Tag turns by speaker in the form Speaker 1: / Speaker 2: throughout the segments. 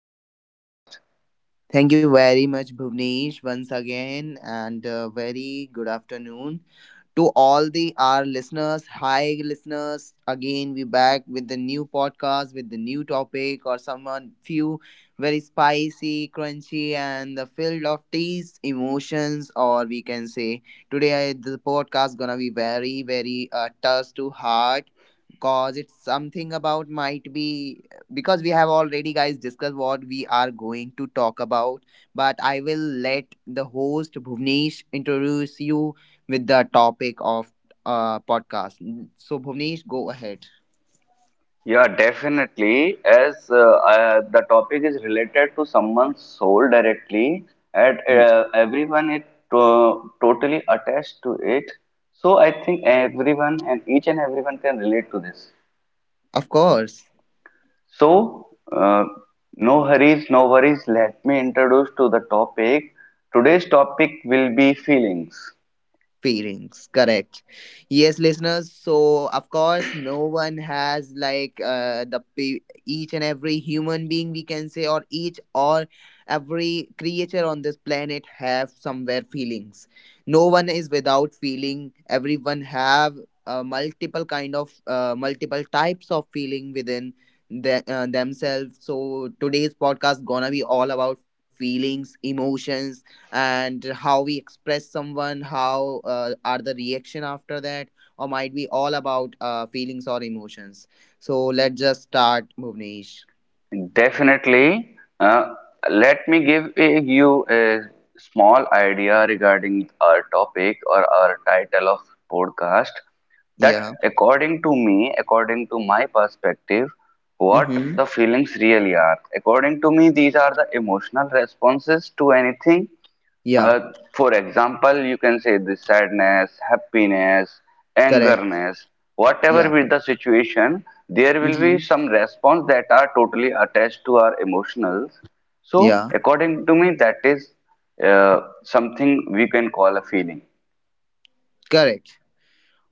Speaker 1: in this podcast.
Speaker 2: Thank you very much, Bhuvnesh, once again, and very good afternoon to all the our listeners. Hi, listeners! Again, we back with the new podcast with the new topic or someone few very spicy, crunchy, and the filled of taste, emotions, or we can say today the podcast gonna be very very touch to heart, cause it's something about might be because we have already guys discussed what we are going to talk about, but I will let the host Bhuvnesh introduce you with the topic of podcast. So Bhuvnesh, go ahead.
Speaker 1: Yeah, definitely. As the topic is related to someone's soul directly, and
Speaker 2: Mm.
Speaker 1: everyone is totally attached to it. So I think everyone and each and everyone can relate to this.
Speaker 2: Of course.
Speaker 1: So, uh, no hurries, no worries. Let me introduce to the topic. Today's topic will be feelings.
Speaker 2: Feelings, correct. Yes, listeners, so of course no one has like each and every human being we can say, or each or every creature on this planet have somewhere feelings. No one is without feeling, everyone have multiple types of feeling within themselves. So today's podcast gonna be all about feelings, emotions, and how we express someone, how are the reaction after that, or might be all about feelings or emotions. So let's just start, Bhuvnesh.
Speaker 1: Definitely, let me you a small idea regarding our topic or our title of podcast. That,
Speaker 2: Yeah.
Speaker 1: according to me, according to my perspective, what
Speaker 2: Mm-hmm.
Speaker 1: the feelings really are. According to me, these are the emotional responses to anything.
Speaker 2: Yeah.
Speaker 1: Uh, for example, you can say this sadness, happiness,
Speaker 2: Correct.
Speaker 1: angerness, whatever
Speaker 2: Yeah.
Speaker 1: be the situation, there will be
Speaker 2: Mm-hmm.
Speaker 1: some response that are totally attached to our emotionals. So,
Speaker 2: Yeah.
Speaker 1: according to me, that is something we can call a feeling.
Speaker 2: Correct.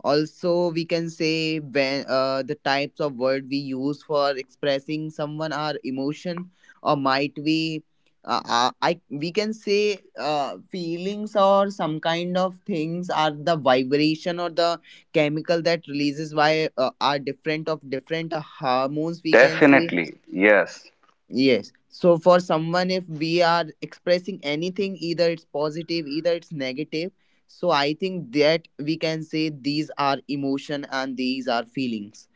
Speaker 2: Also we can say, when the types of word we use for expressing someone our emotion, or might we I we can say feelings or some kind of things are the vibration or the chemical that releases by are different of different hormones we can say.
Speaker 1: Definitely, yes.
Speaker 2: Yes. So for someone, if we are expressing anything, either it's positive, either it's negative. So I think that we can say these are emotion and these are feelings,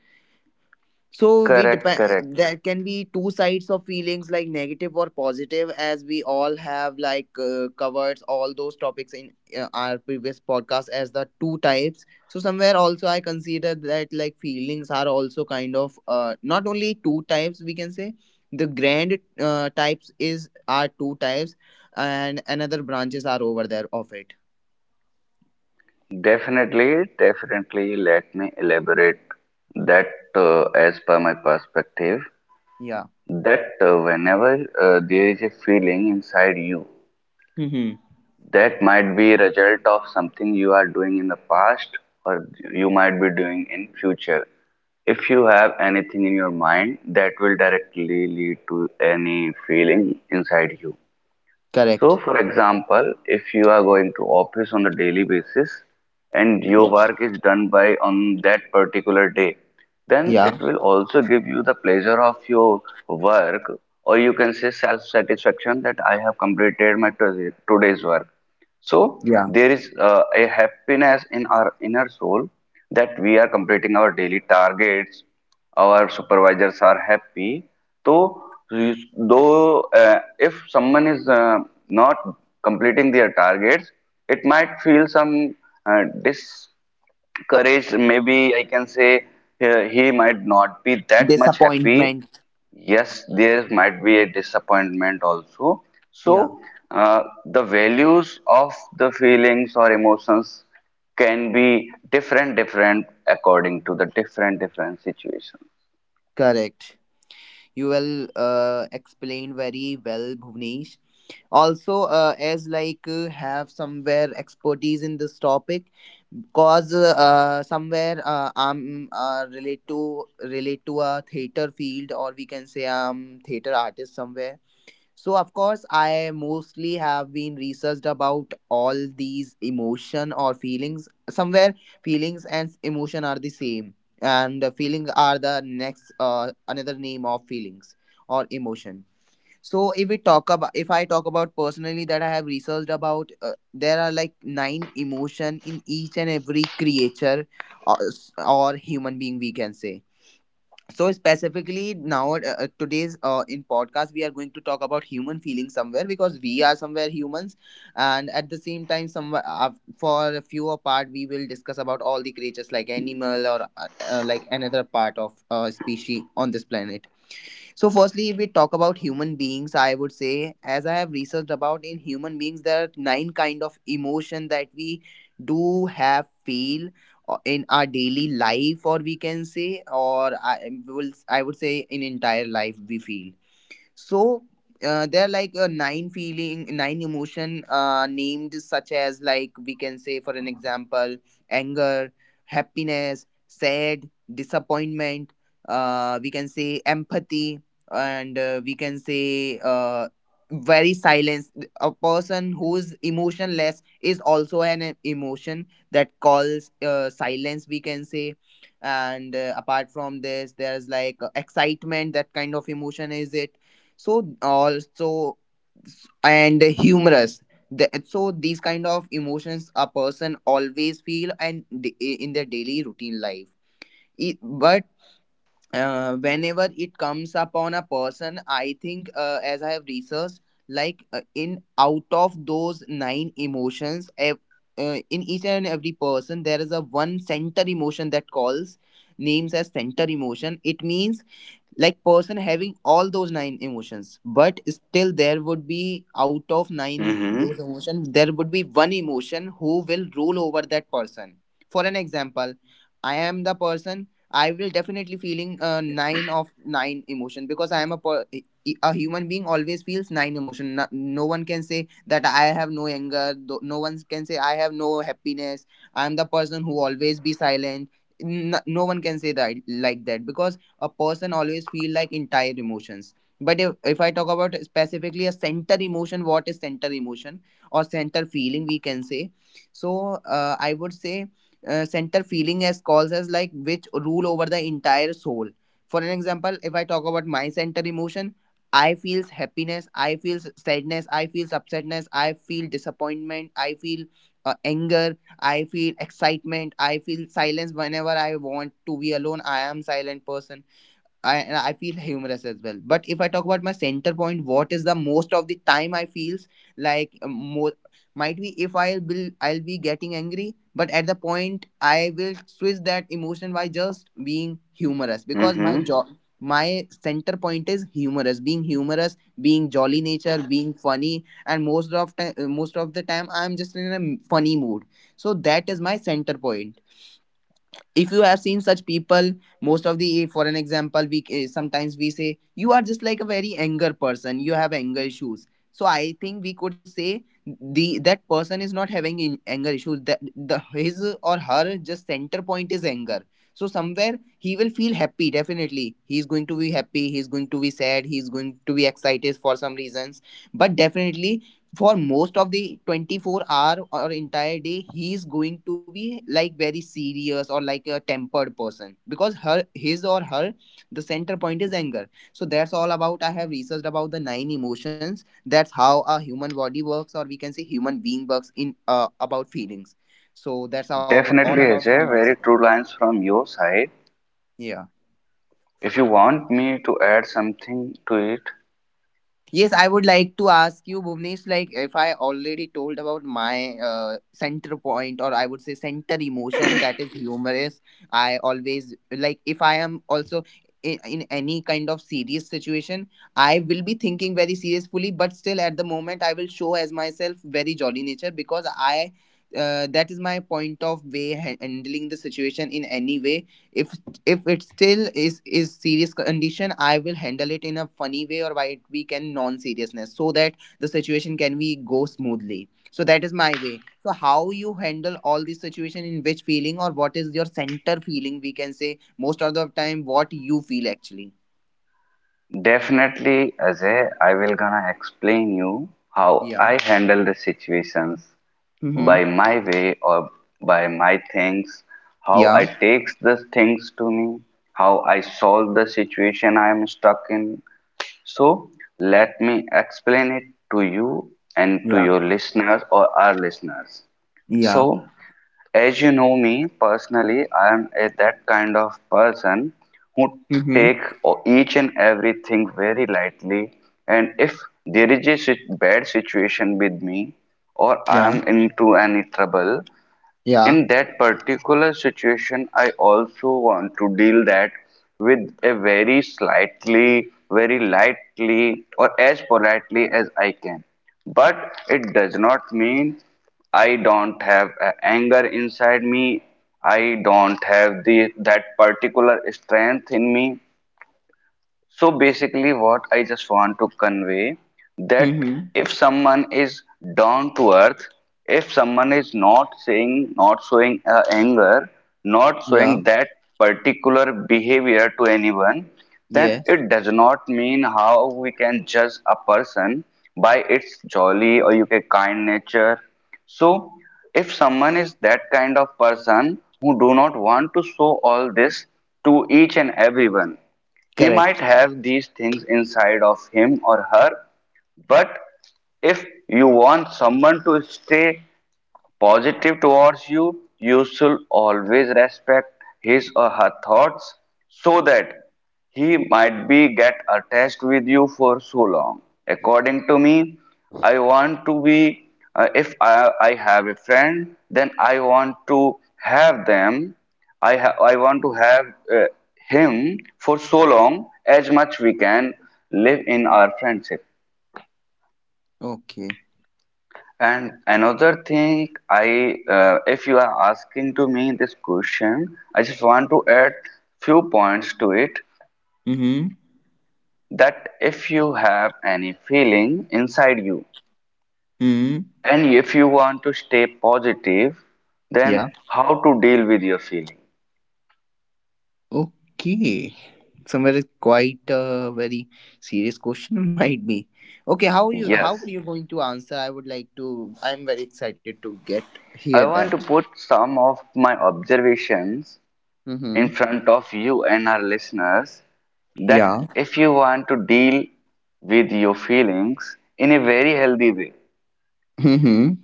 Speaker 2: so we
Speaker 1: Correct,
Speaker 2: depend,
Speaker 1: correct.
Speaker 2: there can be two sides of feelings like negative or positive, as we all have like covered all those topics in our previous podcast as the two types. So somewhere also I consider that like feelings are also kind of not only two types we can say. The grand types is are two types, and another branches are over there of it.
Speaker 1: Definitely, definitely. Let me elaborate that as per my perspective.
Speaker 2: Yeah.
Speaker 1: That whenever there is a feeling inside you,
Speaker 2: Mm-hmm.
Speaker 1: that might be a result of something you are doing in the past, or you might be doing in future. If you have anything in your mind, that will directly lead to any feeling inside you. So,
Speaker 2: Correct.
Speaker 1: for example, if you are going to office on a daily basis and your
Speaker 2: Yeah.
Speaker 1: work is done by on that particular day, then it
Speaker 2: Yeah.
Speaker 1: will also give you the pleasure of your work, or you can say self-satisfaction that I have completed my today's work. So
Speaker 2: Yeah.
Speaker 1: there is a happiness in our inner soul that we are completing our daily targets, our supervisors are happy. So though if someone is not completing their targets, it might feel some dis maybe I can say he might not be that much happy.
Speaker 2: Disappointment.
Speaker 1: Yes, there might be a disappointment also.
Speaker 2: Yeah.
Speaker 1: So, the values of the feelings or emotions can be different, different according to the different, different situations.
Speaker 2: Correct. You will explain very well, Bhuvnesh. Also, as like have somewhere expertise in this topic, cause somewhere I'm relate to a theater field, or we can say I'm theater artist somewhere. So of course, I mostly have been researched about all these emotion or feelings. Somewhere, feelings and emotion are the same, and feeling are the next another name of feelings or emotion. So if I talk about personally that I have researched about, there are like nine emotion in each and every creature, or, or human being we can say. So specifically now, today's in podcast we are going to talk about human feelings somewhere, because we are somewhere humans. And at the same time somewhere, for a few apart we will discuss about all the creatures like animal, or like another part of species on this planet. So, firstly, if we talk about human beings, I would say, as I have researched about in human beings, there are nine kind of emotion that we do have feel in our daily life, or we can say, or I would say, in entire life we feel. So there are like a nine feeling nine emotion named such as, like we can say, for an example: anger, happiness, sad, disappointment, we can say empathy, and we can say very silence. A person who is emotionless is also an emotion that calls silence, we can say. And apart from this there's like excitement, that kind of emotion is it. So also, and humorous, so these kind of emotions a person always feel, and in their daily routine life. It, but whenever it comes upon a person, I think as I have researched, like in out of those nine emotions, in each and every person there is a one center emotion that calls names as center emotion. It means like person having all those nine emotions, but still there would be out of
Speaker 1: Mm-hmm.
Speaker 2: nine those emotions, there would be one emotion who will rule over that person. For an example, I am the person, I will definitely feeling nine of nine emotion, because I am a human being always feels nine emotion. No one can say that I have no anger. No one can say I have no happiness. I am the person who always be silent. No one can say that like that, because a person always feel like entire emotions. But if I talk about specifically a center emotion, what is center emotion or center feeling we can say. So I would say center feeling as calls as, like, which rule over the entire soul. For an example, if I talk about my center emotion: I feels happiness, I feels sadness, I feels upsetness, I feel disappointment, I feel anger, I feel excitement, I feel silence whenever I want to be alone, I am silent person. I feel humorous as well. But if I talk about my center point, what is the most of the time I feels like more, might be if I'll be getting angry, but at the point I will switch that emotion by just being humorous, because
Speaker 1: Mm-hmm.
Speaker 2: my center point is humorous, being humorous, being jolly nature, being funny, and most of the time I'm just in a funny mood. So that is my center point. If you have seen such people, most of the for an example, we sometimes we say, you are just like a very anger person, you have anger issues. So I think we could say, the that person is not having anger issues, that the his or her just center point is anger. So somewhere he will feel happy definitely, he's going to be happy, he's going to be sad, he's going to be excited for some reasons, but definitely for most of the 24 hour or entire day, he is going to be like very serious or like a tempered person, because her his or her the center point is anger. So that's all about I have researched about the nine emotions, that's how a human body works, or we can say human being works in about feelings. So that's all
Speaker 1: Definitely,
Speaker 2: about from
Speaker 1: Ajay,
Speaker 2: my
Speaker 1: very
Speaker 2: side.
Speaker 1: true lines from your side.
Speaker 2: Yeah.
Speaker 1: If you want me to add something to it,
Speaker 2: Yes, I would like to ask you, Bhuvnesh, like if I already told about my center point, or I would say center emotion, that is humorous. I always like if I am also in any kind of serious situation, I will be thinking very seriously, but still at the moment I will show as myself very jolly nature because I. That is my point of way handling the situation in any way. If if it still is serious condition, I will handle it in a funny way, or why it we can non seriousness, so that the situation can we go smoothly. So that is my way. So how you handle all these situation, in which feeling, or what is your center feeling we can say, most of the time, what you feel actually?
Speaker 1: definitely, Ajay, I will gonna explain you how
Speaker 2: Yeah.
Speaker 1: I handle the situations by
Speaker 2: Mm-hmm.
Speaker 1: my way or by my things, how
Speaker 2: Yeah.
Speaker 1: I takes the things to me, how I solve the situation I am stuck in, so let me explain it to you and to
Speaker 2: Yeah.
Speaker 1: your listeners or our listeners. So,
Speaker 2: Yeah.
Speaker 1: as you know me personally, I am a, that kind of person who
Speaker 2: Mm-hmm.
Speaker 1: take each and everything very lightly. And if there is a bad situation with me or I
Speaker 2: Yeah.
Speaker 1: am into any trouble,
Speaker 2: Yeah.
Speaker 1: in that particular situation, I also want to deal that with a very slightly, very lightly, or as politely as I can. But it does not mean I don't have a anger inside me. I don't have the that particular strength in me. So basically what I just want to convey that
Speaker 2: Mm-hmm.
Speaker 1: if someone is down to earth, if someone is not saying, not showing anger, not
Speaker 2: Yeah.
Speaker 1: showing that particular behavior to anyone, then
Speaker 2: Yes.
Speaker 1: it does not mean how we can judge a person by its jolly or you can kind nature. So if someone is that kind of person who do not want to show all this to each and everyone, he might
Speaker 2: Correct.
Speaker 1: have these things inside of him or her, but if you want someone to stay positive towards you, you should always respect his or her thoughts so that he might be get attached with you for so long. According to me, I want to be, if I, I have a friend, then I want to have them, I want to have uh, him for so long as much we can live in our friendship.
Speaker 2: Okay.
Speaker 1: And another thing, I if you are asking to me this question, I just want to add few points to it,
Speaker 2: Mm-hmm.
Speaker 1: that if you have any feeling inside you
Speaker 2: Mm-hmm.
Speaker 1: and if you want to stay positive,
Speaker 2: Yeah.
Speaker 1: then how to deal with your feeling?
Speaker 2: Okay. Somewhere quite a very serious question might be. Okay, how you how
Speaker 1: Yes,
Speaker 2: you going to answer? I'm very excited to get
Speaker 1: I
Speaker 2: hear
Speaker 1: want
Speaker 2: that.
Speaker 1: to put some of my observations in
Speaker 2: Mm-hmm.
Speaker 1: front of you and our listeners, that
Speaker 2: Yeah.
Speaker 1: if you want to deal with your feelings in a very healthy way,
Speaker 2: Mm-hmm.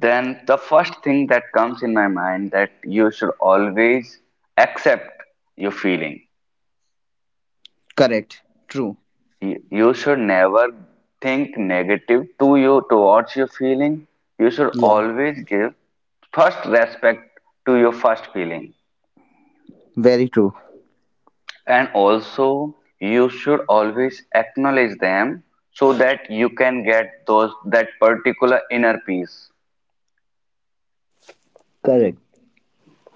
Speaker 1: then the first thing that comes in my mind that you should always accept your feeling.
Speaker 2: Correct. True.
Speaker 1: You you should never think negative to you towards your feeling. You should
Speaker 2: Yeah.
Speaker 1: always give first respect to your first feeling,
Speaker 2: Very true.
Speaker 1: and also you should always acknowledge them so that you can get those that particular inner peace.
Speaker 2: Correct.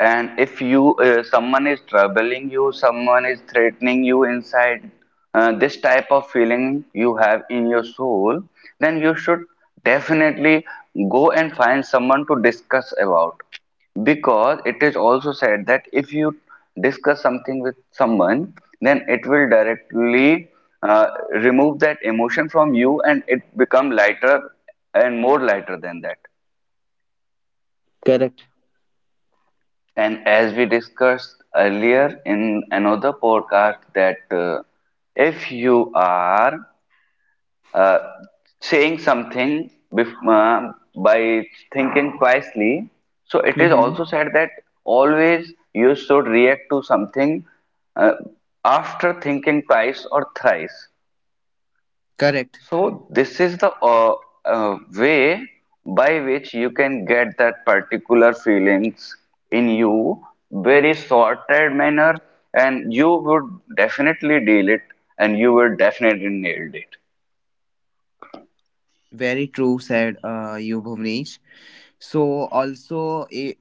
Speaker 1: And if you someone is troubling you, someone is threatening you inside, this type of feeling you have in your soul, then you should definitely go and find someone to discuss about. Because it is also said that if you discuss something with someone, then it will directly uh, remove that emotion from you, and it become lighter and more lighter than that.
Speaker 2: Correct.
Speaker 1: And as we discussed earlier in another podcast, that if you are uh, saying something by thinking twicely, so it is
Speaker 2: Mm-hmm.
Speaker 1: also said that always you should react to something uh, after thinking twice or thrice.
Speaker 2: Correct.
Speaker 1: So this is the way by which you can get that particular feelings in you very sorted manner, and you would definitely deal it, and you would definitely nailed it.
Speaker 2: Very true, said you, Bhuvnesh. So also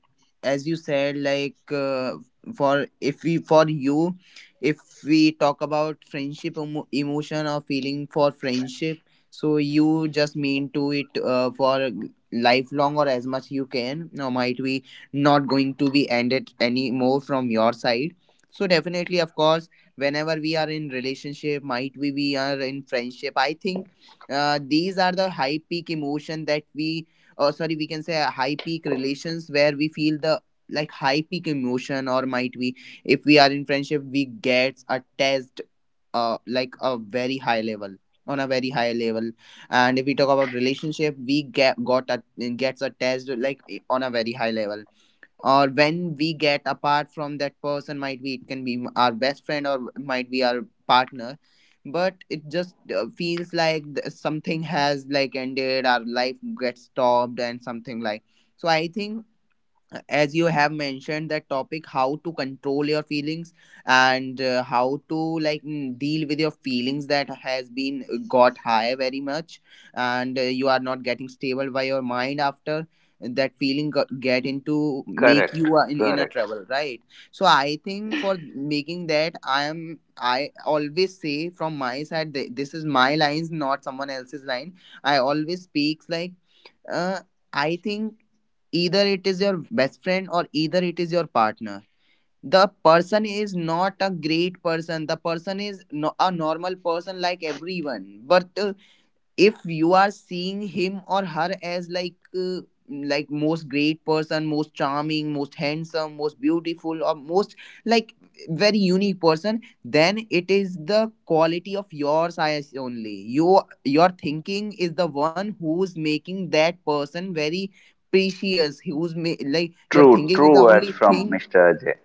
Speaker 2: as you said for if we for you if we talk about friendship emotion or feeling for friendship, so you just mean to it for lifelong or as much you can, or might be not going to be ended anymore from your side. So definitely, of course, whenever we are in relationship, might we are in friendship, I think these are the high peak emotion that we, or sorry, we can say a high peak relations where we feel the like high peak emotion, or might we if we are in friendship we get a test like a very high level, on a very high level. And if we talk about relationship we get got a gets a test like on a very high level, or when we get apart from that person, might be it can be our best friend or might be our partner, but it just feels like something has like ended, our life gets stopped and something like. So I think, as you have mentioned that topic how to control your feelings, and how to like deal with your feelings that has been got high very much, and you are not getting stable by your mind after that feeling get into, make
Speaker 1: Correct,
Speaker 2: you in a
Speaker 1: correct.
Speaker 2: trouble, right? So I think for making that, I always say from my side, this is my lines, not someone else's line. I always speaks like uh, I think either it is your best friend or either it is your partner. The person is not a great person. The person is, no, a normal person like everyone. But if you are seeing him or her as like most great person, most charming, most handsome, most beautiful, or most like very unique person, then it is the quality of yours eyes only. You, your thinking is the one who's making that person very precious, like your
Speaker 1: True,
Speaker 2: thinking is the
Speaker 1: true words
Speaker 2: only
Speaker 1: from
Speaker 2: thing.
Speaker 1: Mr. Ajay.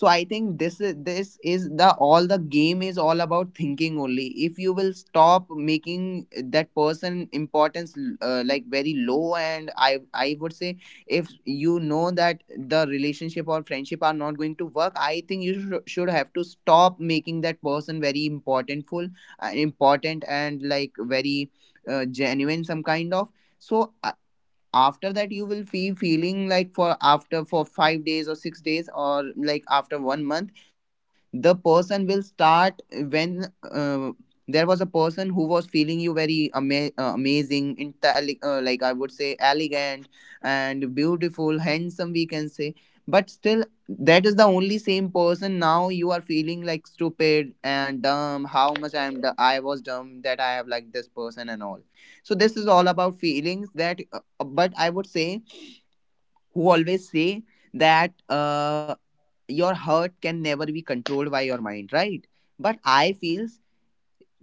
Speaker 2: So I think this is the all, the game is all about thinking only. If you will stop making that person importance like very low, and I would say, if you know that the relationship or friendship are not going to work, I think you should have to stop making that person very importantful, important and like very genuine, some kind of. So after that you will be feeling like for after for 5 days or 6 days or like after 1 month the person will start when uh, there was a person who was feeling you very amazing, like I would say elegant and beautiful, handsome we can say. But still that is the only same person. Now you are feeling like stupid and dumb, how much I was dumb that I have like this person and all. So this is all about feelings that. But I would say, who always say that your heart can never be controlled by your mind, right? But I feels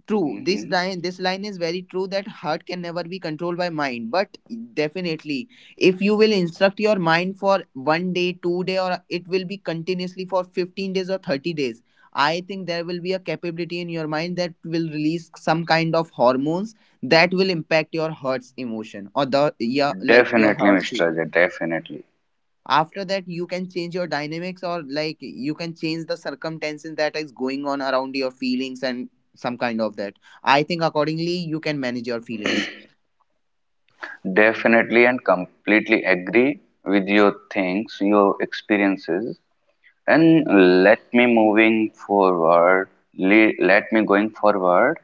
Speaker 2: true. This
Speaker 1: Mm-hmm.
Speaker 2: line, this line is very true that heart can never be controlled by mind. But definitely, if you will instruct your mind for 1 day, 2 day, or it will be continuously for 15 days or 30 days. I think there will be a capability in your mind that will release some kind of hormones that will impact your heart's emotion, or the, yeah, like your
Speaker 1: Definitely,
Speaker 2: heart's
Speaker 1: Mr.
Speaker 2: feeling.
Speaker 1: Ajay, definitely.
Speaker 2: After that you can change your dynamics, or like you can change the circumstances that is going on around your feelings and some kind of that. I think accordingly you can manage your feelings.
Speaker 1: Definitely and completely agree with your things, your experiences. And let me moving forward le- let me going forward.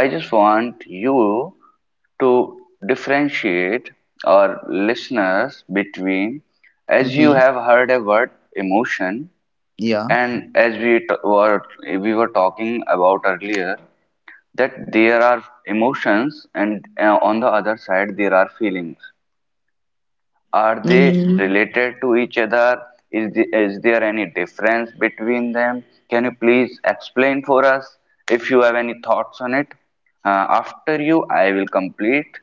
Speaker 1: I just want you to differentiate our listeners between, as you
Speaker 2: Mm-hmm.
Speaker 1: have heard a word emotion,
Speaker 2: Yeah.
Speaker 1: and as we t- were we were talking about earlier, that there are emotions and on the other side there are feelings. Are they related to each other? Is there any difference between them? Can you please explain for us if you have any thoughts on it? After you, I will complete.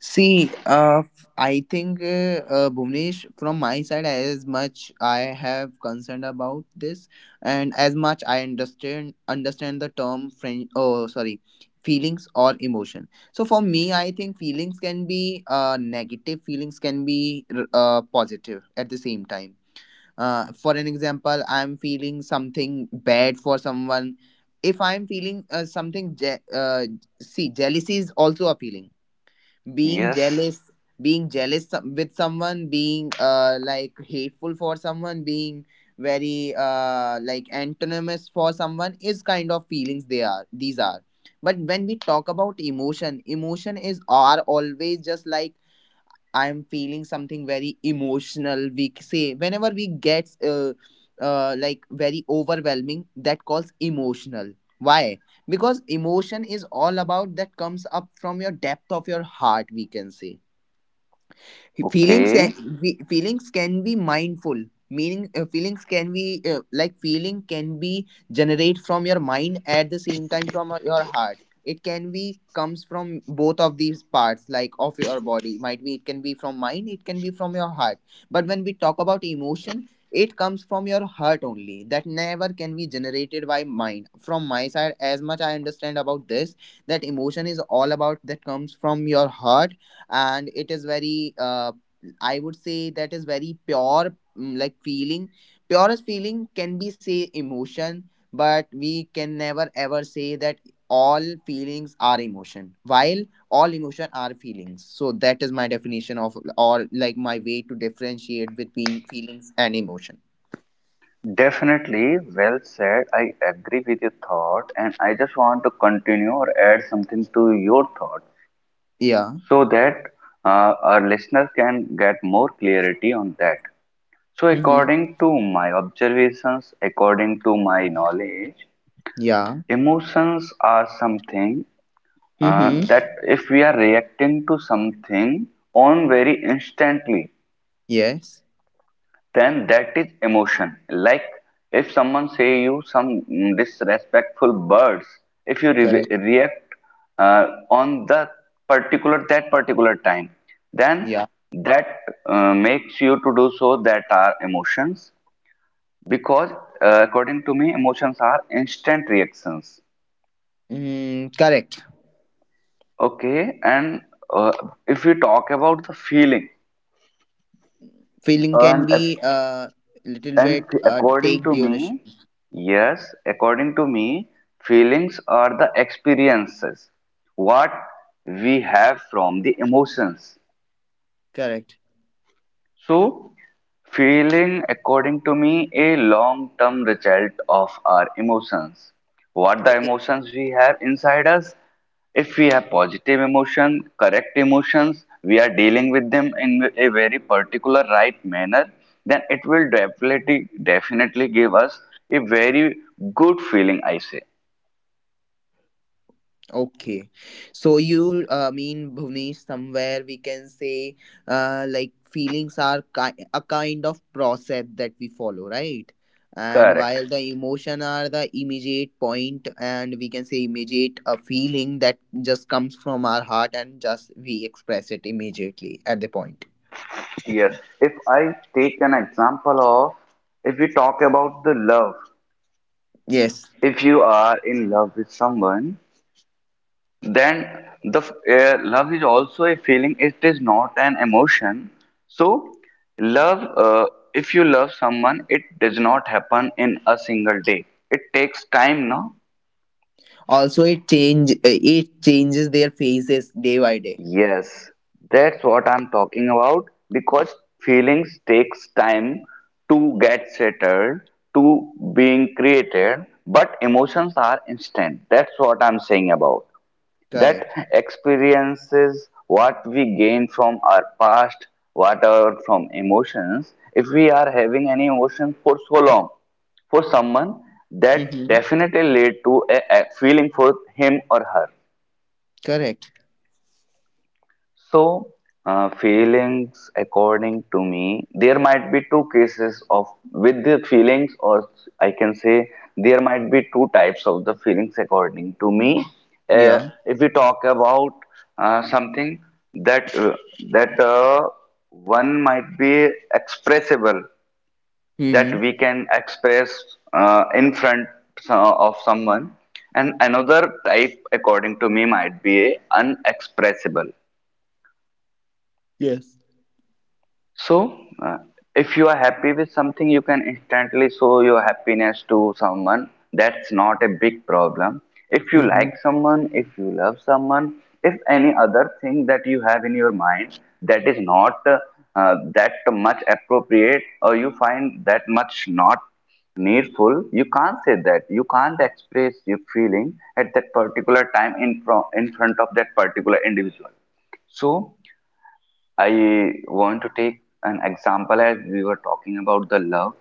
Speaker 2: See, I think, Bhuvnesh, from my side, as much I have concerned about this, and as much I understand the term friend. Oh, sorry, feelings or emotion. So for me, I think feelings can be negative. Feelings can be positive at the same time. For an example, I'm feeling something bad for someone. If I'm feeling something, see, jealousy is also a feeling, being
Speaker 1: Yes,
Speaker 2: jealous, being jealous, with someone, being like hateful for someone, being very like antonymous for someone, is kind of feelings. They are, these are. But when we talk about emotion, emotion is are always just like, I'm feeling something very emotional we say, whenever we get like very overwhelming, that calls emotional. Why? Because emotion is all about that comes up from your depth of your heart we can say.
Speaker 1: okay.
Speaker 2: Feelings can be mindful, meaning feelings can be like feeling can be generate from your mind, at the same time from your heart. It can be comes from both of these parts, like of your body. Might be it can be from mind, it can be from your heart. But when we talk about emotion, it comes from your heart only. That never can be generated by mind, from my side as much I understand about this, that emotion is all about that comes from your heart. And it is very I would say that is very pure, like feeling. Purest feeling can be say emotion. But we can never ever say that all feelings are emotion, while all emotion are feelings. So that is my definition of, or like my way to differentiate between feelings and emotion.
Speaker 1: Definitely, well said. I agree with your thought, and I just want to continue or add something to your thought
Speaker 2: Yeah.
Speaker 1: so that our listeners can get more clarity on that. So,
Speaker 2: Mm-hmm.
Speaker 1: according to my observations, according to my knowledge,
Speaker 2: Yeah.
Speaker 1: emotions are something that
Speaker 2: Mm-hmm.
Speaker 1: if we are reacting to something on very instantly,
Speaker 2: Yes.
Speaker 1: then that is emotion. Like if someone say you some mm, disrespectful words, if you
Speaker 2: Correct.
Speaker 1: react on the particular that particular time, then
Speaker 2: Yeah.
Speaker 1: that makes you to do so, that are emotions. Because according to me emotions are instant reactions.
Speaker 2: Mm, correct.
Speaker 1: Okay, and uh, if we talk about the feeling,
Speaker 2: Feeling can
Speaker 1: and
Speaker 2: be little
Speaker 1: and
Speaker 2: bit
Speaker 1: according
Speaker 2: take
Speaker 1: to
Speaker 2: duration.
Speaker 1: me, yes, according to me, feelings are the experiences what we have from the emotions.
Speaker 2: Correct.
Speaker 1: So, feeling, according to me, a long-term result of our emotions. What
Speaker 2: I-
Speaker 1: the
Speaker 2: I-
Speaker 1: emotions we have inside us? If we have positive emotion, correct emotions, we are dealing with them in a very particular right manner, then it will definitely definitely give us a very good feeling, I say.
Speaker 2: Okay. So you mean, Bhuvnesh, somewhere we can say like feelings are a kind of process that we follow, right? And
Speaker 1: Correct.
Speaker 2: while the emotion are the immediate point, and we can say immediate a feeling that just comes from our heart and just we express it immediately at the point.
Speaker 1: Yes. If I take an example of, if we talk about the love,
Speaker 2: Yes.
Speaker 1: if you are in love with someone, then love is also a feeling. It is not an emotion. So, love. If you love someone, it does not happen in a single day. It takes time, no?
Speaker 2: Also it changes their faces day by day.
Speaker 1: Yes, that's what I'm talking about. Because feelings takes time to get settled, to being created. But emotions are instant. That's what I'm saying about. That
Speaker 2: Correct.
Speaker 1: experiences what we gain from our past, whatever from emotions. If we are having any emotion for so long, for someone, that
Speaker 2: Mm-hmm.
Speaker 1: definitely lead to a feeling for him or her.
Speaker 2: Correct.
Speaker 1: So, feelings, according to me, there might be two cases of with the feelings, or I can say there might be two types of the feelings, according to me. Uh,
Speaker 2: Yeah.
Speaker 1: if we talk about something that that one might be expressible, that
Speaker 2: Hmm.
Speaker 1: we can express in front of someone, and another type, according to me, might be unexpressible.
Speaker 2: Yes.
Speaker 1: So, if you are happy with something, you can instantly show your happiness to someone. That's not a big problem. If you like
Speaker 2: Mhm.
Speaker 1: someone, if you love someone, if any other thing that you have in your mind that is not that much appropriate, or you find that much not needful, you can't say that. You can't express your feeling at that particular time in, in front of that particular individual. So, I want to take an example as we were talking about the love.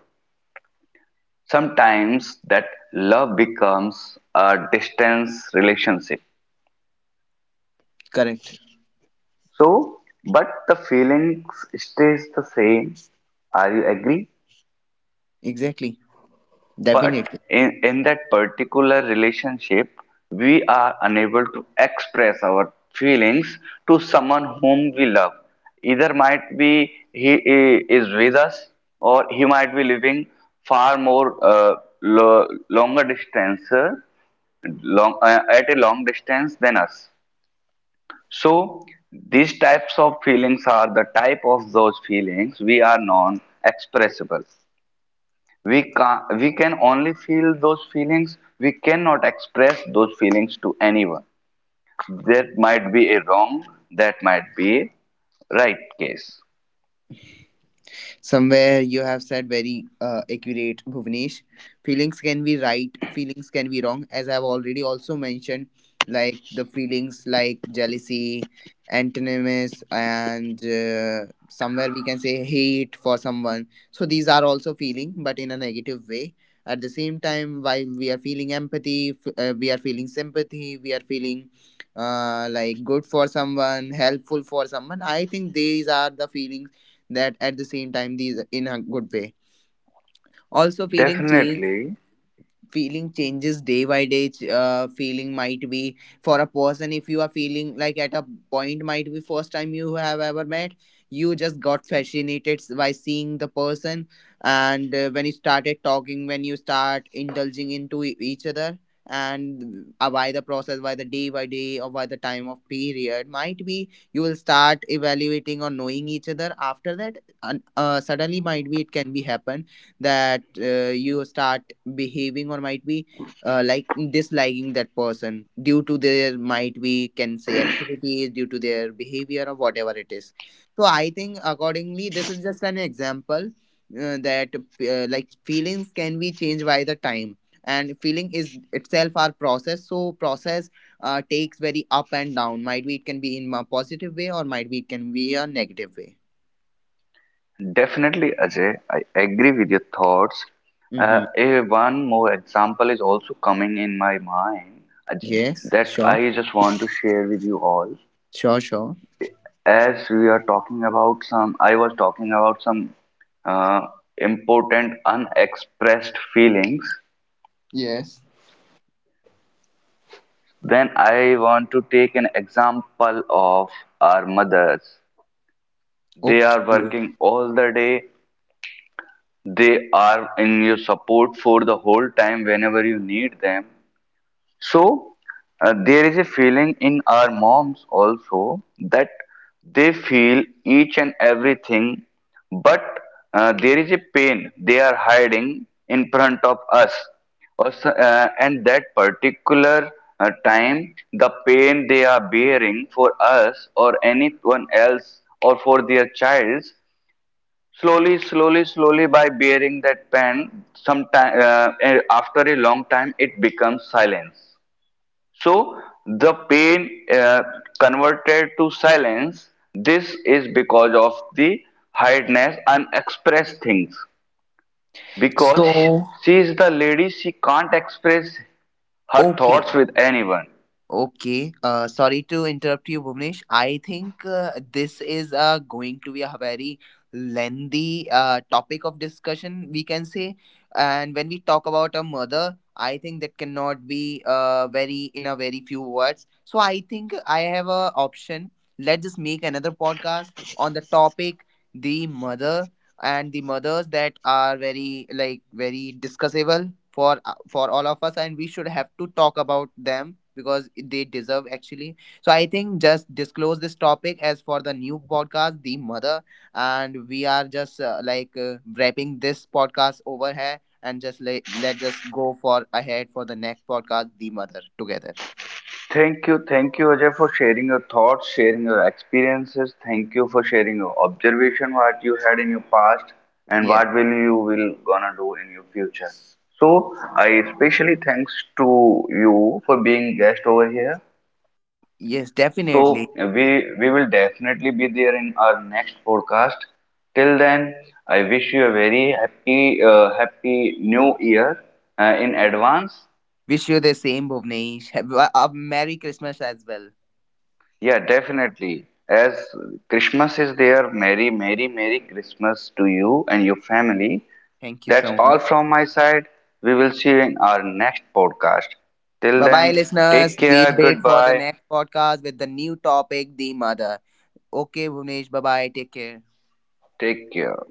Speaker 1: Sometimes that love becomes a distance relationship.
Speaker 2: Correct.
Speaker 1: So, but the feelings stays the same. Are you agree?
Speaker 2: Exactly.
Speaker 1: But
Speaker 2: Definitely.
Speaker 1: in that particular relationship, we are unable to express our feelings to someone whom we love. Either might be is with us, or he might be living far more longer distance, at a long distance than us. So these types of feelings are the type of those feelings we are non-expressible. We can only feel those feelings, we cannot express those feelings to anyone. That might be a wrong, that might be right case.
Speaker 2: Somewhere you have said very accurate, Bhuvnesh. Feelings can be right, feelings can be wrong. As I've already also mentioned, like the feelings like jealousy, antonyms, and somewhere we can say hate for someone. So these are also feeling, but in a negative way. At the same time, while we are feeling empathy, we are feeling sympathy, we are feeling like good for someone, helpful for someone. I think these are the feelings that at the same time these in a good way. Also feeling change,
Speaker 1: Definitely,
Speaker 2: feeling changes day by day, feeling might be for a person. If you are feeling like at a point, might be first time you have ever met, you just got fascinated by seeing the person, and when you started talking, when you start indulging into each other, and by the process, by the day by day, or by the time of period, might be you will start evaluating or knowing each other after that. And suddenly might be it can be happen that you start behaving, or might be like disliking that person due to their, might be can say, activities, due to their behavior or whatever it is. So I think accordingly this is just an example that like feelings can be changed by the time. And feeling is itself our process, so process takes very up and down, might be it can be in a positive way or might be it can be a negative way.
Speaker 1: definitely, Ajay, I agree with your thoughts. uh,
Speaker 2: Mm-hmm.
Speaker 1: a one more example is also coming in my mind, Aj-
Speaker 2: Yes.
Speaker 1: that
Speaker 2: Sure.
Speaker 1: I just want to share with you all.
Speaker 2: Sure. Sure.
Speaker 1: As we are talking about some, I was talking about some uh, important unexpressed feelings.
Speaker 2: Yes.
Speaker 1: Then I want to take an example of our mothers. They are
Speaker 2: Okay.
Speaker 1: working all the day. They are in your support for the whole time whenever you need them. So there is a feeling in our moms also, that they feel each and everything, but there is a pain they are hiding in front of us. Also, and that particular time, the pain they are bearing for us or anyone else or for their child, slowly, slowly, slowly by bearing that pain, sometime after a long time, it becomes silence. So the pain converted to silence. This is because of the hardness unexpressed things. Because
Speaker 2: So,
Speaker 1: she is the lady, she can't express her
Speaker 2: okay.
Speaker 1: thoughts with anyone.
Speaker 2: Okay. Sorry to interrupt you, Bhuvnesh. I think this is going to be a very lengthy topic of discussion, we can say. And when we talk about a mother, I think that cannot be very, in a very few words. So I think I have a option. Let's just make another podcast on the topic the mother, and the mothers that are very like very discussable for all of us, and we should have to talk about them because they deserve actually. So I think just disclose this topic as for the new podcast the mother. And we are just like wrapping this podcast over here, and just let us go for ahead for the next podcast the mother together.
Speaker 1: Thank you, Ajay, for sharing your thoughts, sharing your experiences. Thank you for sharing your observation, what you had in your past, and
Speaker 2: Yeah.
Speaker 1: what will you will gonna do in your future. So I especially thanks to you for being guest over here.
Speaker 2: Yes,
Speaker 1: So
Speaker 2: definitely.
Speaker 1: we will definitely be there in our next podcast. Till then, I wish you a very happy happy new year in advance.
Speaker 2: Wish you the same, Bhuvnesh. Have a merry Christmas as well.
Speaker 1: Yeah, definitely. As Christmas is there, Merry Merry Merry Christmas to you and your family.
Speaker 2: Thank you
Speaker 1: That's
Speaker 2: so
Speaker 1: all
Speaker 2: much.
Speaker 1: from my side. We will see you in our next podcast. Till
Speaker 2: Bye bye,
Speaker 1: then, take
Speaker 2: listeners.
Speaker 1: care.
Speaker 2: We'll wait for the
Speaker 1: Goodbye.
Speaker 2: next podcast with the new topic, the mother. Okay, Bhuvnesh. Bye bye. Take care.
Speaker 1: Take care.